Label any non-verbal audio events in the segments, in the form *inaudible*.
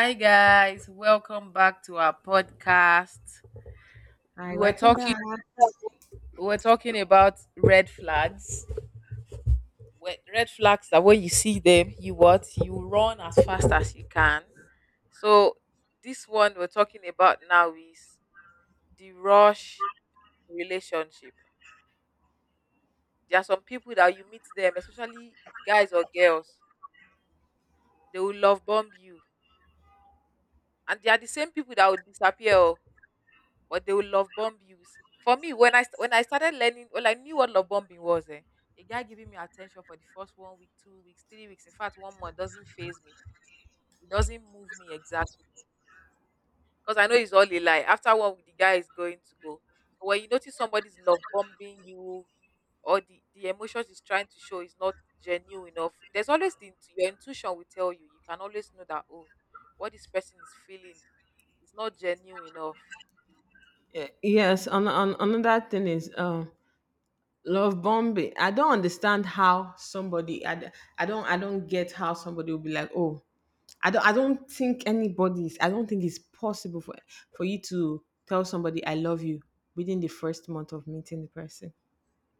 Hi guys, welcome back to our podcast. We Hi, were welcome talking back. we were talking about red flags. Red flags that when you see them, you what? You run as fast as you can. So, this one we're talking about now is the rush relationship. There are some people that you meet them, especially guys or girls, they will love bomb you. And they are the same people that will disappear. Oh, but they will love bomb you. For me, when I started learning, well, I knew what love bombing was. A guy giving me attention for the first 1 week, 2 weeks, 3 weeks, in fact, 1 month doesn't phase me. It doesn't move me exactly because I know it's all a lie. After 1 week, the guy is going to go. When you notice somebody's love bombing you, or the emotions he's trying to show is not genuine enough, there's always your intuition will tell you. You can always know that, oh, what this person is feeling is not genuine enough. Yes, on another thing is love bombing. I don't understand how somebody I don't get how somebody will be like, "Oh, I don't think it's possible for you to tell somebody I love you within the first month of meeting the person."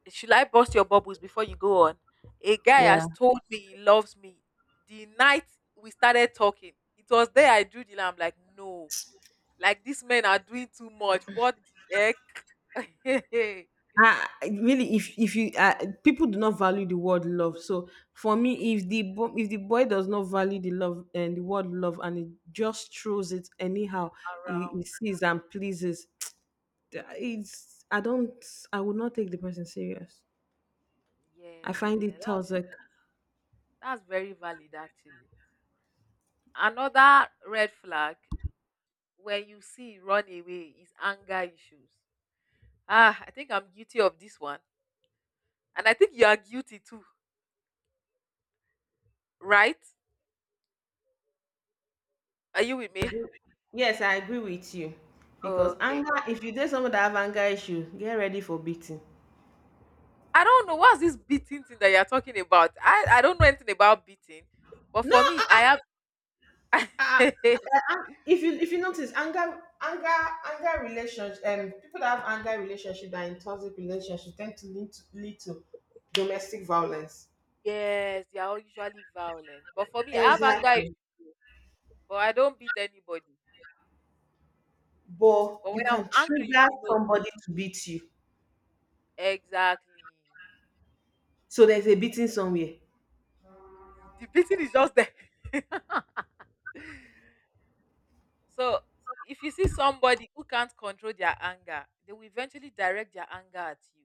Should I bust your bubbles before you go on? A guy Yeah. has told me he loves me. The night we started talking, it was there I drew the line. I'm like, no, like these men are doing too much. What the heck? *laughs* Around. Really, if you people do not value the word love. So for me, if the boy does not value the love and the word love, and he just throws it anyhow, he sees and pleases. *tsk* It's I don't I would not take the person serious. I find Yeah, it that's toxic. that's very valid actually. Another red flag when you see run away is anger issues. Ah, I think I'm guilty of this one. And I think you are guilty too, right? Are you with me? Yes, I agree with you. Because Okay. anger, if you date someone that have anger issue, get ready for beating. I don't know what's this beating thing that you're talking about. I don't know anything about beating, but No. for me, I have *laughs* And if you notice anger relationship, people that have anger relationship that are in toxic relationship tend to lead to domestic violence, yes, they are all usually violent. But for me, I have anger, issues, exactly, but I don't beat anybody. but But you when I'm can angry, you trigger will know somebody to beat you, exactly. so there's a beating somewhere. The beating is just there. *laughs* So if you see somebody who can't control their anger, they will eventually direct their anger at you.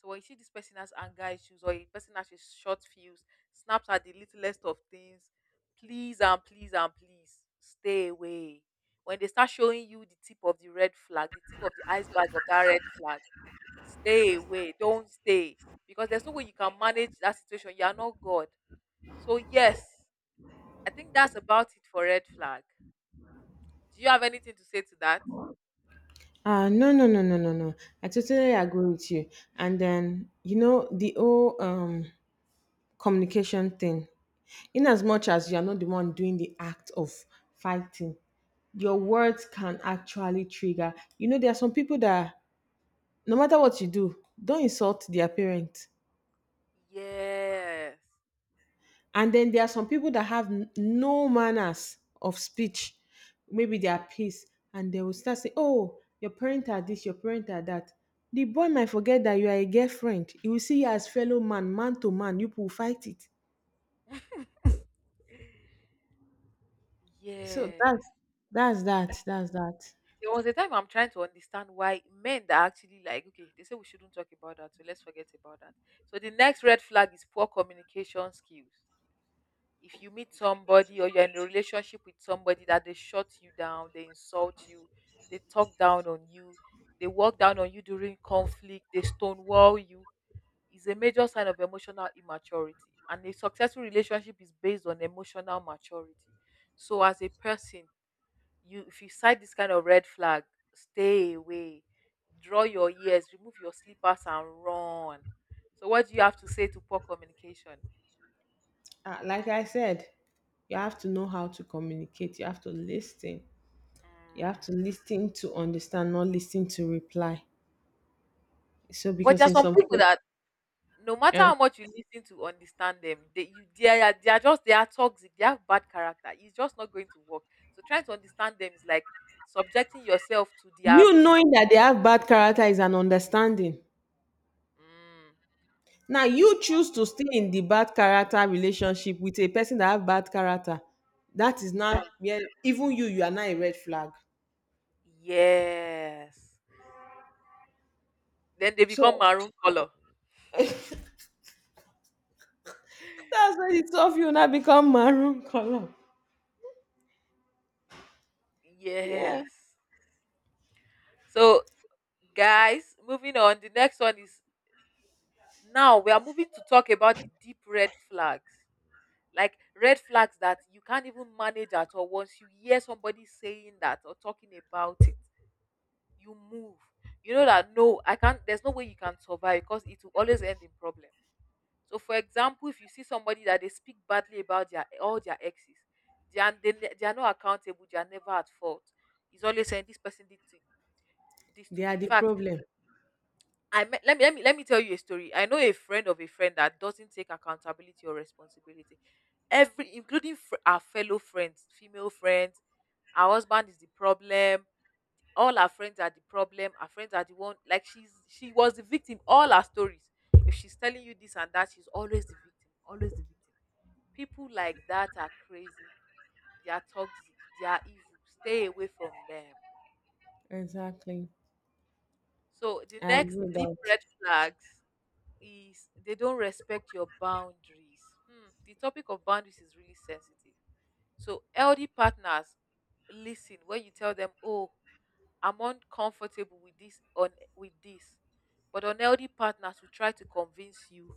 So when you see this person has anger issues or a person has a short fuse, snaps at the littlest of things, please and please and please stay away. When they start showing you the tip of the red flag, the tip of the iceberg of that red flag, stay away. Don't stay. Because there's no way you can manage that situation. You are not God. So yes, I think that's about it for red flag. Do you have anything to say to that? No, no, no, no, no, no. I totally agree with you. And then, the whole communication thing, in as much as you are not the one doing the act of fighting, your Mhm. words can actually trigger. There are some people that, no matter what you do, don't insult their parents. Yes. And then there are some people that have no manners of speech. Maybe they are pissed and they will start saying, "Oh, your parents are this, your parents are that." The boy might forget that you are a girlfriend. He will see you as fellow man, man to man. You will fight it. So that's Yes. that's that. That's that. There was a time I'm trying to understand why men that actually like, okay, they say we shouldn't talk about that, so let's forget about that. So the next red flag is poor communication skills. If you meet somebody or you're in a relationship with somebody that they shut you down, they insult you, they talk down on you, they walk down on you during conflict, they stonewall you. Is a major sign of emotional immaturity, and a successful relationship is based on emotional maturity. So as a person, you, if you sight this kind of red flag, stay away, draw your ears, remove your slippers and run. So what do you have to say to poor communication? Like I said, you have to know how to communicate. You have to listen. You have Mm. to listen to understand, not listen to reply. So But there because are in some *laughs* some people case, that no matter uh, how much you listen to understand them, they you they are just they are toxic, they have bad character, it's just not going to work. So trying to understand them is like subjecting yourself to their you abuse. knowing that they have bad character is an understanding. Mm. Now Bu, you choose to stay in the bad character relationship with a person that have bad character. That is not, yeah, even you are not a red flag. yes. Then they become So maroon color. that's why the two of you now become maroon color. Yeah. Yes. So, guys, moving on. The next one is, now we are moving to talk about the deep red flags. Like red flags that you can't even manage at all. Once you hear somebody saying that or talking about it, you move. You know that no, I can't. There's no way you can survive because it will always end in problem. So, for example, if you see somebody that they speak badly about their all their exes, they are they are not accountable. They are never at fault. He's always saying this person did to, this They to me. are In the fact, problem. I met, let me tell you a story. I know a friend of a friend that doesn't take accountability or responsibility. Every including our fellow friends, female friends, her husband is the problem. All her friends are the problem. Her friends are the one like she was the victim. All her stories. If she's telling you this and that, she's always the victim. Always the victim. People like that are crazy. They are toxic. They are evil. Stay away from them. Exactly. So the I agree next with deep that. red flags is they don't respect your boundaries. Hmm, the topic of boundaries is really sensitive. So LD partners listen when you tell them, "Oh, I'm uncomfortable with this on with this," but unhealthy partners will try to convince you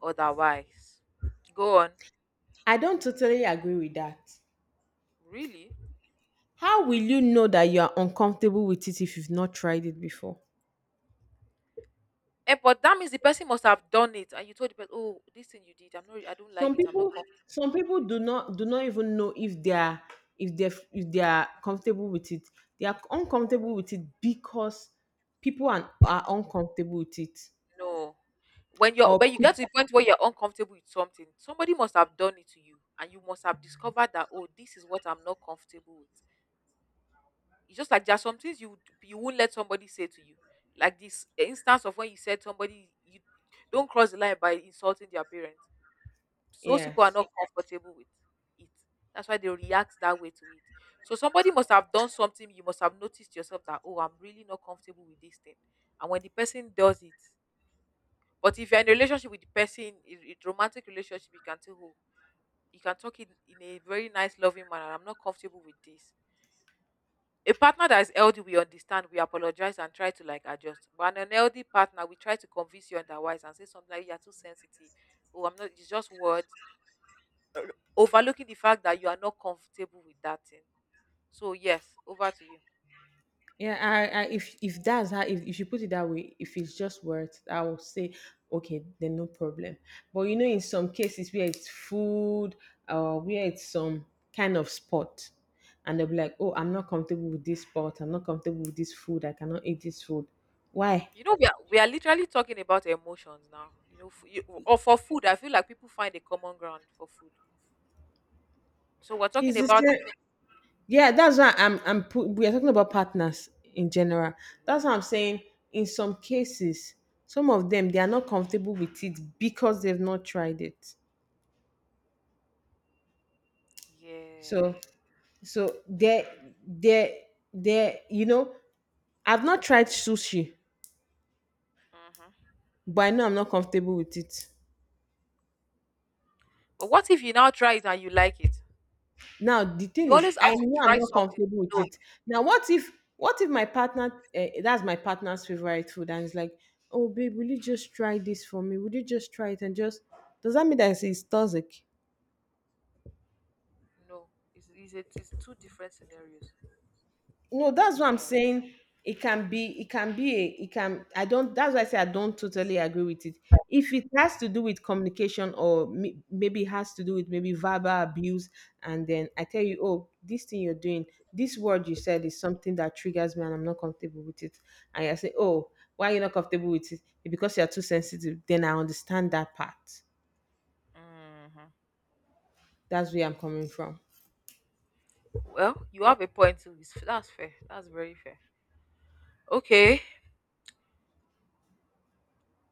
otherwise. Go on. I don't totally agree with that. Really? How will you know that you are uncomfortable with it if you've not tried it before? Eh, but that means the person must have done it, and you told the person, "Oh, this thing you did, I'm not, I don't like Some it. I'm not people, comfortable some people with do it." not do not even know if they are comfortable with it. They are uncomfortable with it because people are uncomfortable with it. No, when you're when Or you pe- get to the point where you're uncomfortable with something, somebody must have done it to you, and you must have discovered that, "Oh, this is what I'm not comfortable with." It's just like there are some things you would- you won't let somebody say to you, like this instance of when you said somebody you don't cross the line by insulting their parents. Those people are yes. not comfortable with it. That's why they react that way to it. So somebody must have done something. You must have noticed yourself that oh, I'm really not comfortable with this thing. And when the person does it, but if you're in a relationship with the person, a romantic relationship, you can tell, oh, you can talk in a very nice, loving manner. I'm not comfortable with this. A partner that is LD, we understand, we apologize and try to like adjust. But an LD partner, we try to convince you otherwise and say something like you're too sensitive. Oh, I'm not. It's just words. r- overlooking the fact that you are not comfortable with that thing. So yes, over to you. Yeah, I if you put it that way, if it's just words, I will say, "Okay, then no problem." But in some cases where it's food or where it's some kind of sport, and they'll be like, "Oh, I'm not comfortable with this sport. I'm not comfortable with this food. I cannot eat this food. Why?" You know, we are literally talking about emotions now. You know, you, or for food, I feel like people find a common ground for food. So we're talking Is this about it? Yeah, that's why we are talking about partners in general. Mhm. That's what I'm saying. In some cases, some of them they are not comfortable with it because they've not tried it. yeah. So So there, there. I've not tried sushi, Hmm, but I know I'm not comfortable with it. but what if you now try it and you like it? Now the thing You is, always have I to know I'm try not something to comfortable with know. It. Now what if my partner, that's my partner's favorite food, and it's like, "Oh babe, will you just try this for me? Would you just try it and just?" Does that mean that it's toxic? No, it's, a, it's two different scenarios No, that's what I'm entirely. saying. It can be it can be a it can I don't That's why I say I don't totally agree with it. If it has to do with communication, or maybe it has to do with maybe verbal abuse, and then I tell you, "Oh, this thing you're doing, this word you said is something that triggers me, and I'm not comfortable with it." And I say, "Oh, why are you not comfortable with it? Because you're too sensitive." Then I understand that part. Hmm. That's where I'm coming from. Well, you have a point too. It's- That's fair. That's very fair. Okay.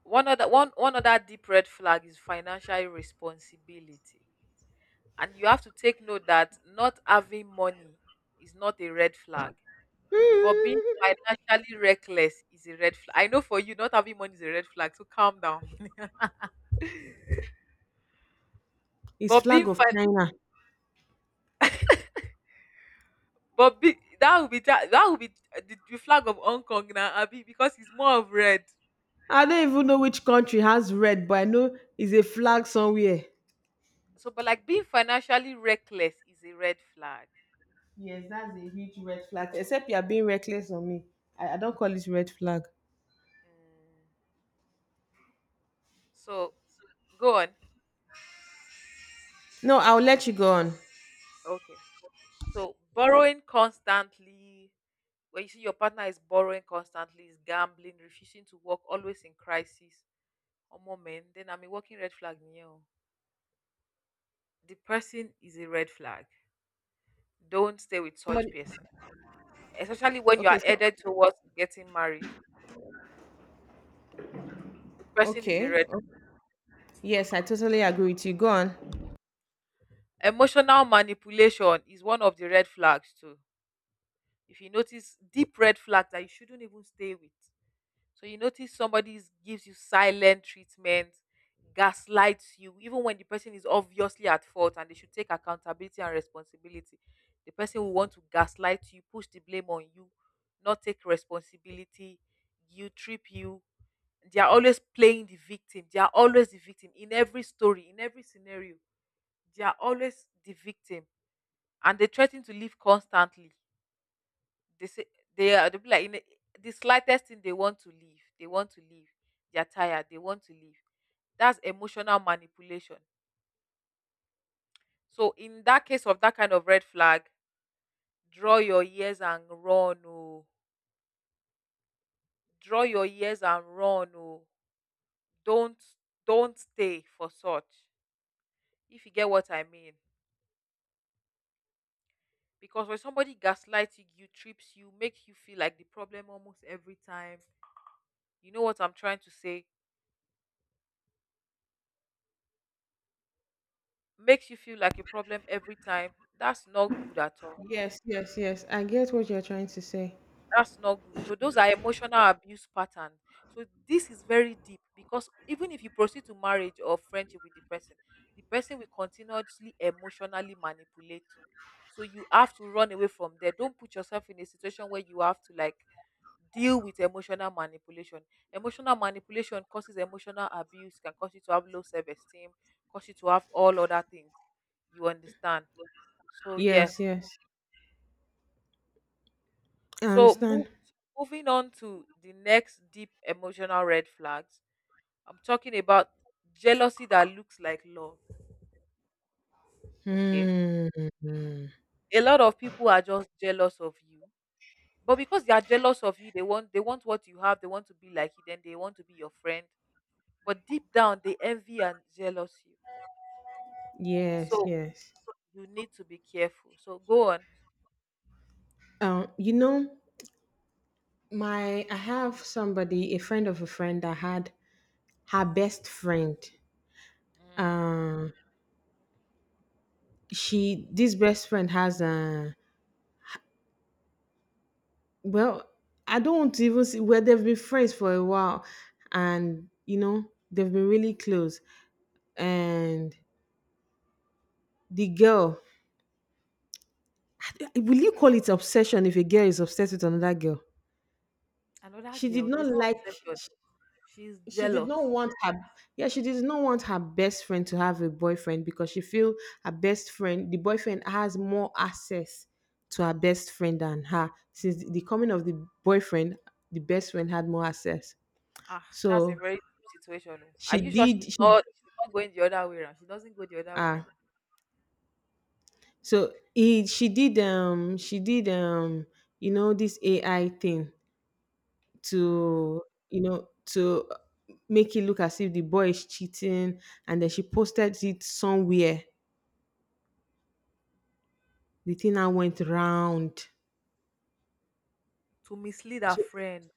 One other deep red flag is financial responsibility, and you have to take note that not having money is not a red flag, but being financially reckless is a red flag. I know for you not having money is a red flag, so calm down. *laughs* It's but being flag of fin- China. but be, that would be that would be the flag of Hong Kong now abi because it's more of red. I don't even know which country has red, but I know it's a flag somewhere. So but like being financially reckless is a red flag. Yes, that's a huge red flag. Except you are being reckless on me. I don't call it red flag. Mm. So go on. No, I'll let you go on. Okay. So borrowing constantly, when you see your partner is borrowing constantly, is gambling, refusing to work, always in crisis, or moment, then I'm a working red flag. No. The person is a red flag. Don't stay with such Somebody, person, especially when you okay, are so headed towards getting married. The person is a okay. red. Yes, I totally agree with you. Go on. Emotional manipulation is one of the red flags too. If you notice deep red flags that you shouldn't even stay with. So you notice somebody is- gives you silent treatment, gaslights you, even when the person is obviously at fault and they should take accountability and responsibility. The person will want to gaslight you, push the blame on you, not take responsibility, you trip you. They are always playing the victim. They are always the victim in every story, in every scenario. They are always the victim, and they threaten to leave constantly. They say they are they'll be like in a, the slightest thing they want to leave. They want to leave. They're tired. They want to leave. That's emotional manipulation. So in that case of that kind of red flag, draw your ears and run. Oh, draw your ears and run. Oh, don't don't stay for such. If you get what I mean. Because when somebody gaslights you, you trips you, make you feel like the problem almost every time. You know what I'm trying to say? Makes you feel like a problem every time. That's not good at all. Yes, yes, yes. I get what you're trying to say. That's not good. So those are emotional abuse patterns. So this is very deep because even if you proceed to marriage or friendship with the person will continuously emotionally manipulate you. So you have to run away from there. Don't put yourself in a situation where you have to like deal with emotional manipulation. Emotional manipulation causes emotional abuse, can cause you to have low self esteem, cause you to have all other things. You understand? So yes. Yes, yes. I So move, understand. Moving on to the next deep emotional red flags. I'm talking about jealousy that looks like love. Okay. Hmm. A lot of people are just jealous of you. But because they are jealous of you, they want what you have, they want to be like you, then they want to be your friend. But deep down they envy and jealous you. Yes, So yes. you need to be careful. So go on. You know, my I have somebody, a friend of a friend that had her best friend. Mm. Um, she This best friend has a, well, I don't want to even see. Where they've been friends for a while, and they've been really close, and the girl, will you call it obsession if a girl is obsessed with another girl? Another she did girl, no, not it's not like obsession. She's she did not jealous. want her, yeah, she did not want her best friend to have a boyfriend, because she feel her best friend, the boyfriend has more access to her best friend than her. Since the coming of the boyfriend, the best friend had more access. Ah, that's a so very deep situation. Oh. Are she you sure did she's she not she's not going the other way around? She doesn't go the other way ah around. so he she did this ai thing Mm, to, to make it look as if the boy is cheating, and then she posted it somewhere. The thing now went round. to mislead her So friend,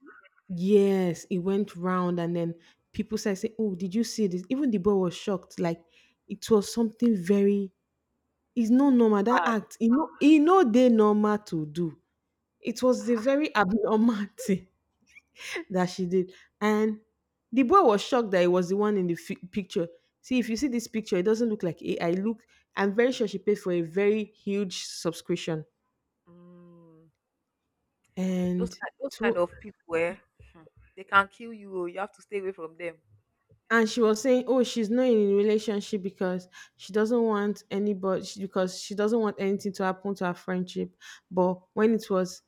yes, it went round, and then people started saying, "Oh, did you see this?" Even the boy was shocked. Like it was something very. It's not normal, that bad. act. You know they normal to do. It was the Ah, very abnormal *laughs* thing that she did, and the boy was shocked that it was the one in the picture. See, if you see this picture, it doesn't look like AI. Look, I'm very sure she paid for a very huge subscription, mm, and those kind to. of people, eh, they can kill you. Oh, you have to stay away from them. And she was saying, "Oh, she's not in a relationship because she doesn't want anybody because she doesn't want anything to happen to her friendship." But when it was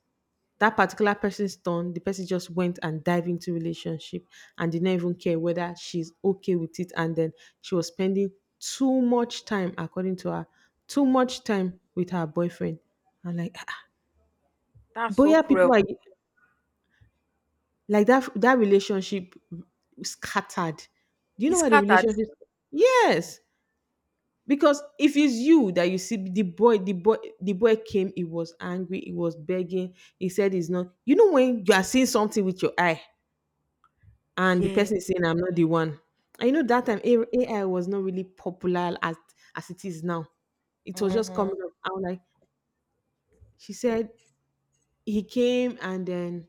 that particular person's turn, the person just went and dived into relationship and did not even care whether she's okay with it. And then she was spending too much time, according to her, too much time with her boyfriend. And like, "Ah, ah." That's so Boya cruel. people are like that. That relationship scattered. Do you He know why the scattered. relationship? Yes, because if it's you that you see the boy came, he was angry, he was begging. He said he's not, when you are seeing something with your eye and the Yeah. person is saying, "I'm not the one," and that And time AI was not really popular as it is now. It was just mm-hmm. coming up. I was like, she said, he came, and then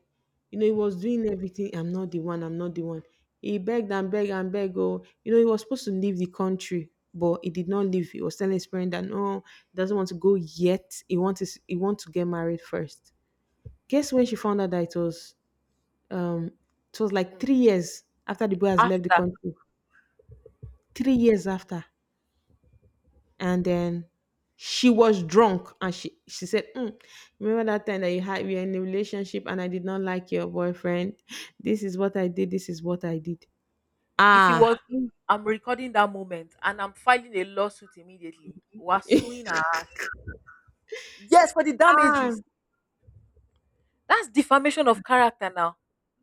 he was doing everything. "I'm not the one. I'm not the one." He begged and begged and begged. Oh, he was supposed to leave the country, but he did not leave. He was telling his parents that no, he doesn't want to go yet. He wants to get married first. Guess when she found out that um it was like 3 years after the boy has left the After, country, 3 years after. And then she was drunk, and she said, "Mm, remember that time that you had we were in a relationship and I did not like your boyfriend? This is what I did. This is what I did." if it Ah. was me, I'm recording that moment and I'm filing a lawsuit immediately. We're suing *laughs* her. Yes, for the Ah. damages. That's defamation of character now.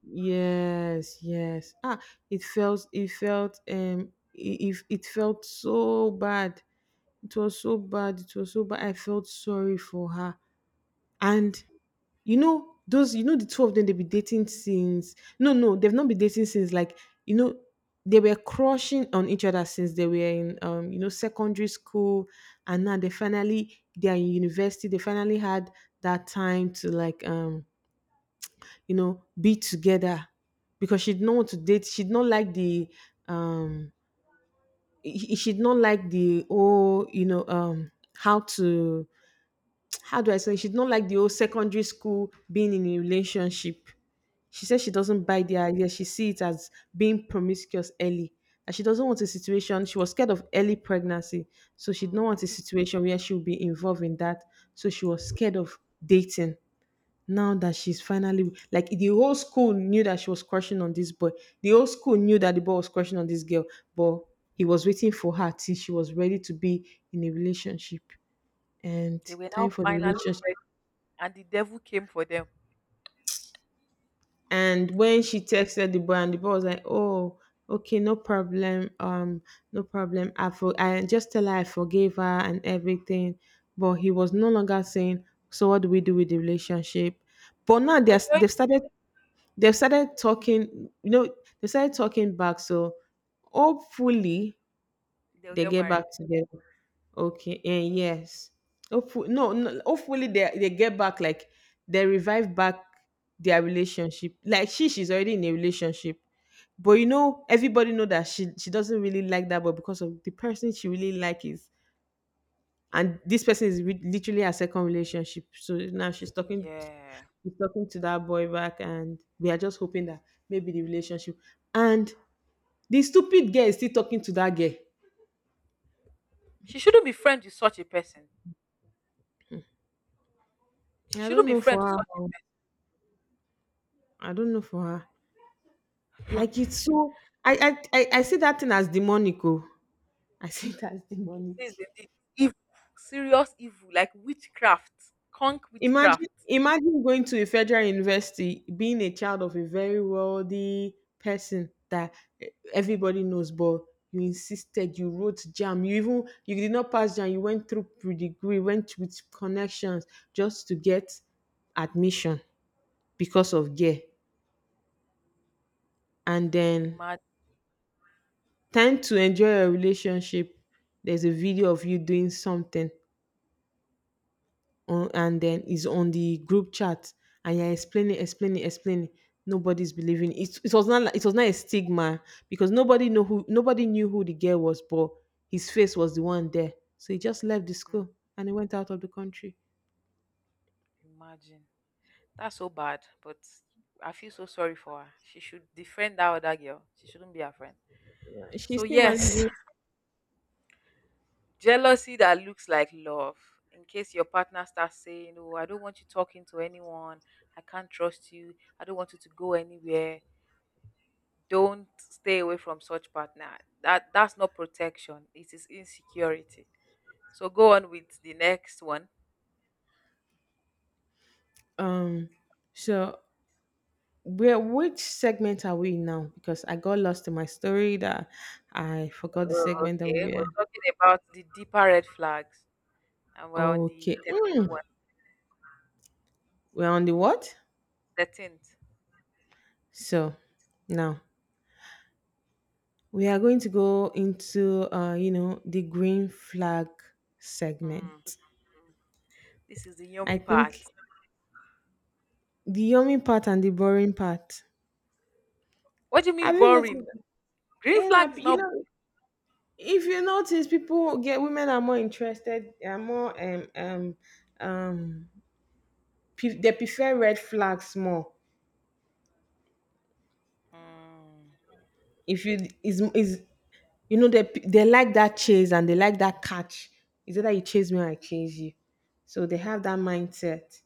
Yes, yes. Ah, it felt if it, It felt so bad. It was so bad, it was so bad, I felt sorry for her. And you know those you know the two of them, they've been dating since no no, they've not been dating since, like, you know they were crushing on each other since they were in, secondary school. And now they finally, they are in university, they finally had that time to, like, be together, because she did not want to date. Um she did not like the, how do I say, she don't like the whole secondary school being in a relationship. She says she doesn't buy the idea. She see it as being promiscuous early. And she doesn't want a situation. She was scared of early pregnancy. So she didn't Mm. want a situation where she would be involved in that. So she was scared of dating. Now that she's finally, like, the whole school knew that she was crushing on this boy. The whole school knew that the boy was crushing on this girl, but he was waiting for her till she was ready to be in a relationship. And They were now time for the finally relationship rest, and the devil came for them. And when she texted the boy, and the boy was like, "Oh, okay, no problem, no problem. I just tell her I forgave her and everything." But he was no longer saying, "So what do we do with the relationship?" But now But they're it's okay, they've started talking. They started talking back. So hopefully they'll they get get back married. together. Okay, eh, yes. Hopefully, Mm, no, no, hopefully they get back like they revive back their relationship. Like she's already in a relationship, but you know, everybody know that she doesn't really like that, but because of the person she really like is, and this person is literally her second relationship. So now yeah. she's talking to that boy back, and we are just hoping that maybe the relationship and the stupid girl is still talking to that girl. She shouldn't be friends with such a person. She I shouldn't don't be know friends for with her. such a Oh. I don't know for her. person. Hmm. Like it's *laughs* so I see that thing as demonic. Oh. *laughs* I see it as It demonic. is indeed evil, serious evil, like witchcraft, conk Imagine witchcraft. imagine going to a federal university, being a child of a very wealthy person that everybody knows, but you insisted, you wrote jam, you did not pass jam, you went through pre degree, went with connections just to get admission because of gear. And then Imagine, time to enjoy a relationship, there's a video of you doing something on and then it's on the group chat and you're explaining. Nobody's believing. It was not a stigma because nobody knew who the girl was, but his face was the one there. So he just left the school and he went out of the country. imagine. That's so bad. But I feel so sorry for her. She should defriend that other girl. She shouldn't be her friend. Yeah, she's So still yes, managing. jealousy that looks like love. In case your partner starts saying, "Oh, I don't want you talking to anyone. I can't trust you. I don't want you to go anywhere." Don't stay away from such partner. That's not protection. It is insecurity. So go on with the next one. Um so where which segment are we in now? Because I got lost in my story that I forgot the Uh, segment that okay, we we're were. talking about the deeper red flags, and we're on the Okay. 13th Mm. one. We're on the what? 13th. So now we are going to go into, you know, the green flag Hmm. segment. This is the I yummy part. think the yummy part and the boring part. What do you mean Have you noticed boring? that? Green And flag is you not. know, if you notice, people get women are more interested. They are more um. They prefer red flags more. Hmm. If you is you know they like that chase and they like that catch. Is either you chase me or I chase you. So they have that mindset.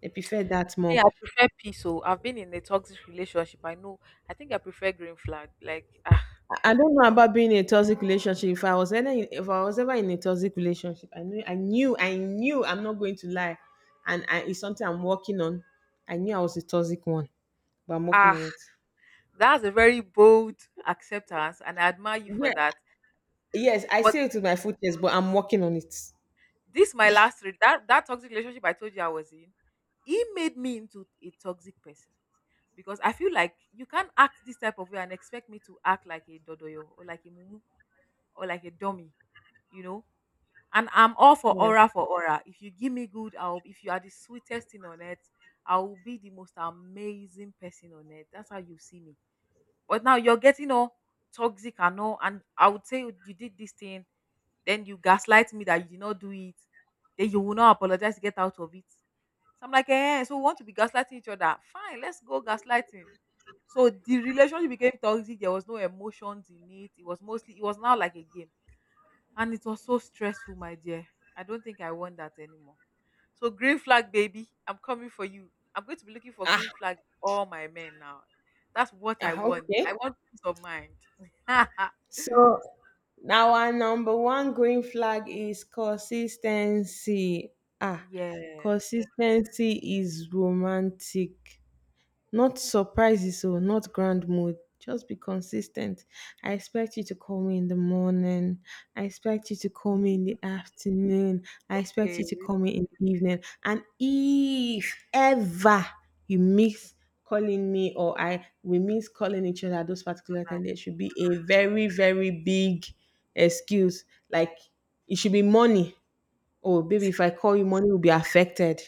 They prefer that Me, more. I prefer peace. So I've been in a toxic relationship. I know. I think I prefer green flag. Like ah, I don't know about being in a toxic relationship. If I was ever in, if I was ever in a toxic relationship, I knew I'm not going to lie, it's something I'm working on. I knew I was a toxic one, but I'm working ah, on it. that's a very bold acceptance, and I admire you for Yeah, that. yes, I But say it with my full chest, but I'm working on it. this my last that toxic relationship I told you I was in. He made me into a toxic person because I feel like you can't act this type of way and expect me to act like a dodoyo or like a mumu or like a dummy. You know, and I'm all for Yeah. aura for aura. If you give me good, I'll if you are the sweetest thing on earth, I will be the most amazing person on earth. That's how you see me. But now you're getting all toxic and all, and I would say you did this thing, then you gaslight me that you did not do it, then you will not apologize to get out of it. So I'm like, eh, so we want to be gaslighting each other. Fine, let's go gaslighting. So the relationship became toxic. There was no emotions in it. It was mostly it was now like a game and it was so stressful, my dear. I don't think I want that anymore. So green flag, baby, I'm coming for you. I'm going to be looking for Ah, green flag for all my men now. That's what I ah, want. okay. I want peace of mind. *laughs* So now our number one green flag is consistency. Ah, Yes. consistency is romantic. Not surprises or not grand mood. Just be consistent. I expect you to call me in the morning. I expect you to call me in the afternoon. I expect Okay. you to call me in the evening. And if ever you miss calling me or I we miss calling each other at those particular time, there should be a very, very big excuse. Like it should be money. Oh baby, if I call you, money will be affected.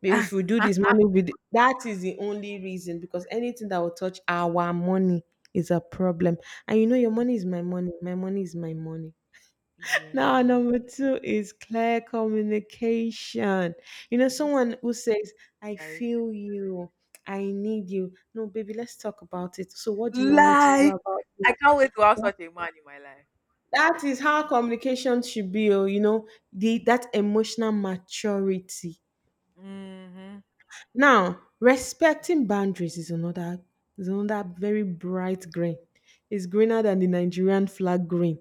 Maybe *laughs* if we do this money video, that is the only reason because anything that will touch our money is a problem. And you know, your money is my money. My money is my money. Yeah. Now, number two is clear communication. You know, This is someone who this says, I feel you, I need you. No, baby, let's talk about it. So, what do you want me to do like about it? I can't wait to have Well, such a man in my life. that is how communication should be, oh, you know, that emotional maturity. Hmm. Now, respecting boundaries is another very bright green. It's greener than the Nigerian flag green.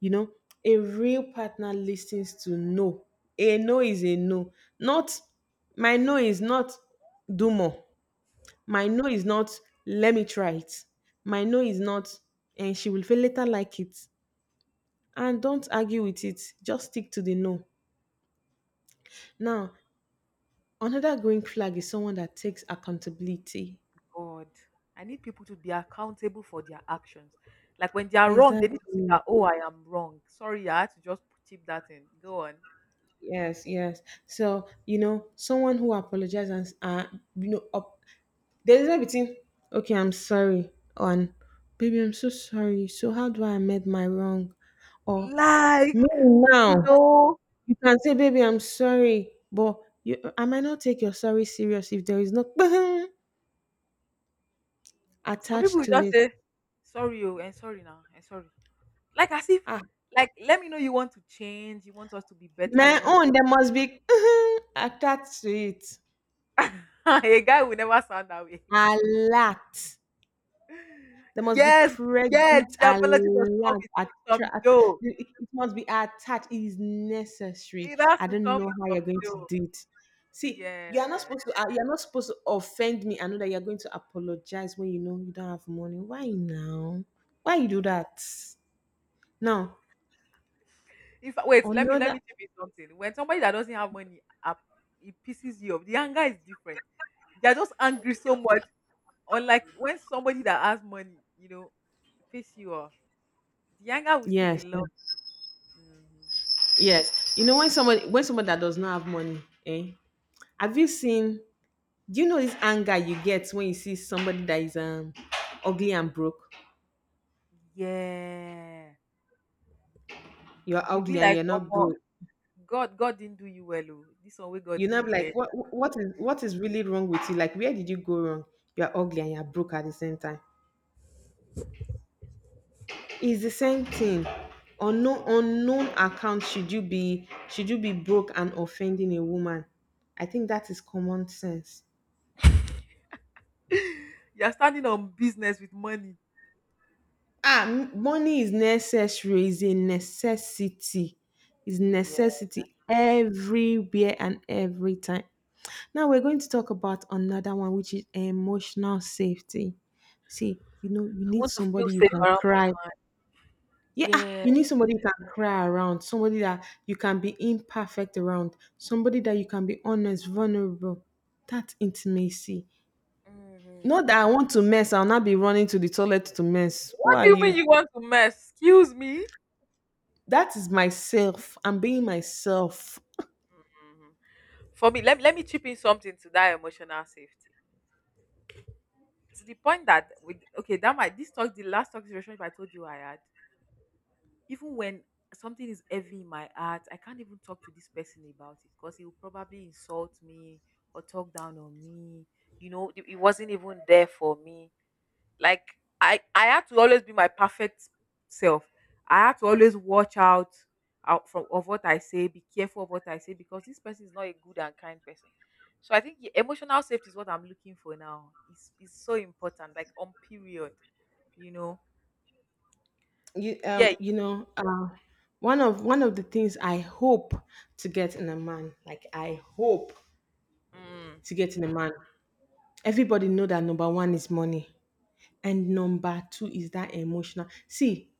You know, a real partner listens to no. A no is a no. Not my no is not do more. My no is not let me try it. My no is not and she will feel later like it. And don't argue with it. Just stick to the no. Now, another green flag is someone that takes accountability. God. I need people to be accountable for their actions. Like when they are wrong, they need to say Exactly. that, oh, I am wrong. Sorry, I had to just chip that in. Go on. Yes, yes. So, you know, someone who apologizes and you know, there's a between, okay, I'm sorry, and baby, I'm so sorry. So, how do I amend my wrong? Or me Like, you now, know, you can say, baby, I'm sorry, but you, I might not take your sorry serious if there is no *laughs* some people attached will to just it. say, sorry, oh, and sorry now, and sorry. Like as if, Ah, like, let me know you want to change, you want us to be better, you my want own, there must be *laughs* attached to it. us. *laughs* A guy will never sound that way. *laughs* A lot. There must be Yes, yes, credit the apology must come alert. with some dough. It it must be attached. It is necessary. It has I to don't come know with how some you're going to dough. do it. See, you are not Yes. supposed to. You are not supposed to offend me. I know that you are going to apologize when you know you don't have money. Why now? Why you do Mm. that? No, In fact, wait, let me let another. me tell you something. When somebody that doesn't have money up, it pisses you off. The anger is different. They're just angry so much. Unlike when somebody that has money, you know, piss you off. The anger will still be Yes, love. yes, Hmm. yes. You know when somebody that does not have money, eh? Have you seen? Do you know this anger you get when you see somebody that is ugly and broke? Yeah. You're You'll be ugly and like, you're not oh, good. God, God didn't do you well. Oh. This one we God You do are not you like well. What is really wrong with you? Like where did you go wrong? You're ugly and you're broke at the same time. It's the same thing. On no unknown account should you be broke and offending a woman? I think that is common sense. *laughs* You're standing on business with money. Ah, money is necessary, is a necessity. Is Yeah. I necessity everywhere and every time. Now we're going to talk about another one, which is emotional safety. See, you know, you need want to feel somebody you safe can around my cry. Yeah, ah, yeah. you need somebody you can cry around, somebody that you can be imperfect around, somebody that you can be honest, vulnerable. That intimacy. Hmm. Not that I want to mess, I'll not be running to the toilet to mess. Who What are do you mean you? you want to mess? Excuse me? That is myself. I'm being myself. Mhm. For me let me chip in something to that emotional safety to the point that with okay that might this talk the last toxic relationship I told you I had, even when something is heavy in my heart, I can't even talk to this person about it because he will probably insult me or talk down on me. You know, it wasn't even there for me. Like I had to always be my perfect self. I had to always watch out out from of what I say, be careful of what I say because this person is not a good and kind person. So I think yeah, emotional safety is what I'm looking for now. It's so important, like on period, you know. You Yeah. you know one of the things I hope to get in a man, like I hope Mm. to get in a man, everybody know that number one is money and number two is that emotional. See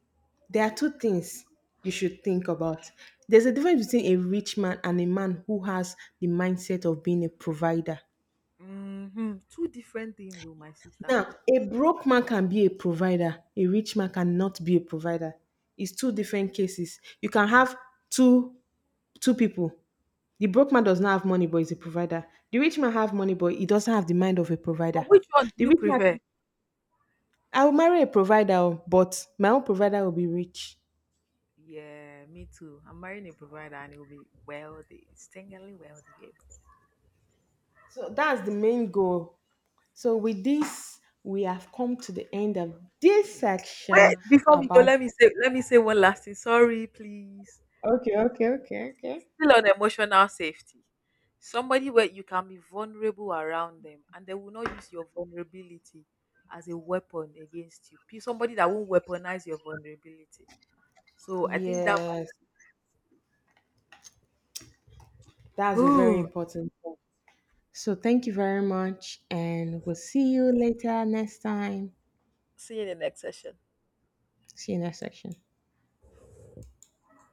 there are two things you should think about. There's a difference between a rich man and a man who has the mindset of being a provider. Hmm. Two different things, oh my sister. Now a broke man can be a provider, a rich man cannot be a provider. It's two different cases. You can have two people. The broke man does not have money, but is a provider. The rich man have money, but he doesn't have the mind of a provider. But which one do The you rich man, prefer? I will marry a provider, oh, but my own provider will be rich. Yeah, me too. I'm marrying a provider and it will be wealthy, stingingly wealthy. So that's the main goal. So with this, we have come to the end of this Wait, section before we go, about. Let me say one last thing. Sorry, please. Okay, okay, okay, okay. Still on emotional safety. Somebody where you can be vulnerable around them and they will not use your vulnerability as a weapon against you. Somebody that won't weaponize your vulnerability. So I think that Yes, that's a very ooh, important one. So thank you very much, and we'll see you later next time. see you in the next session. See you next section.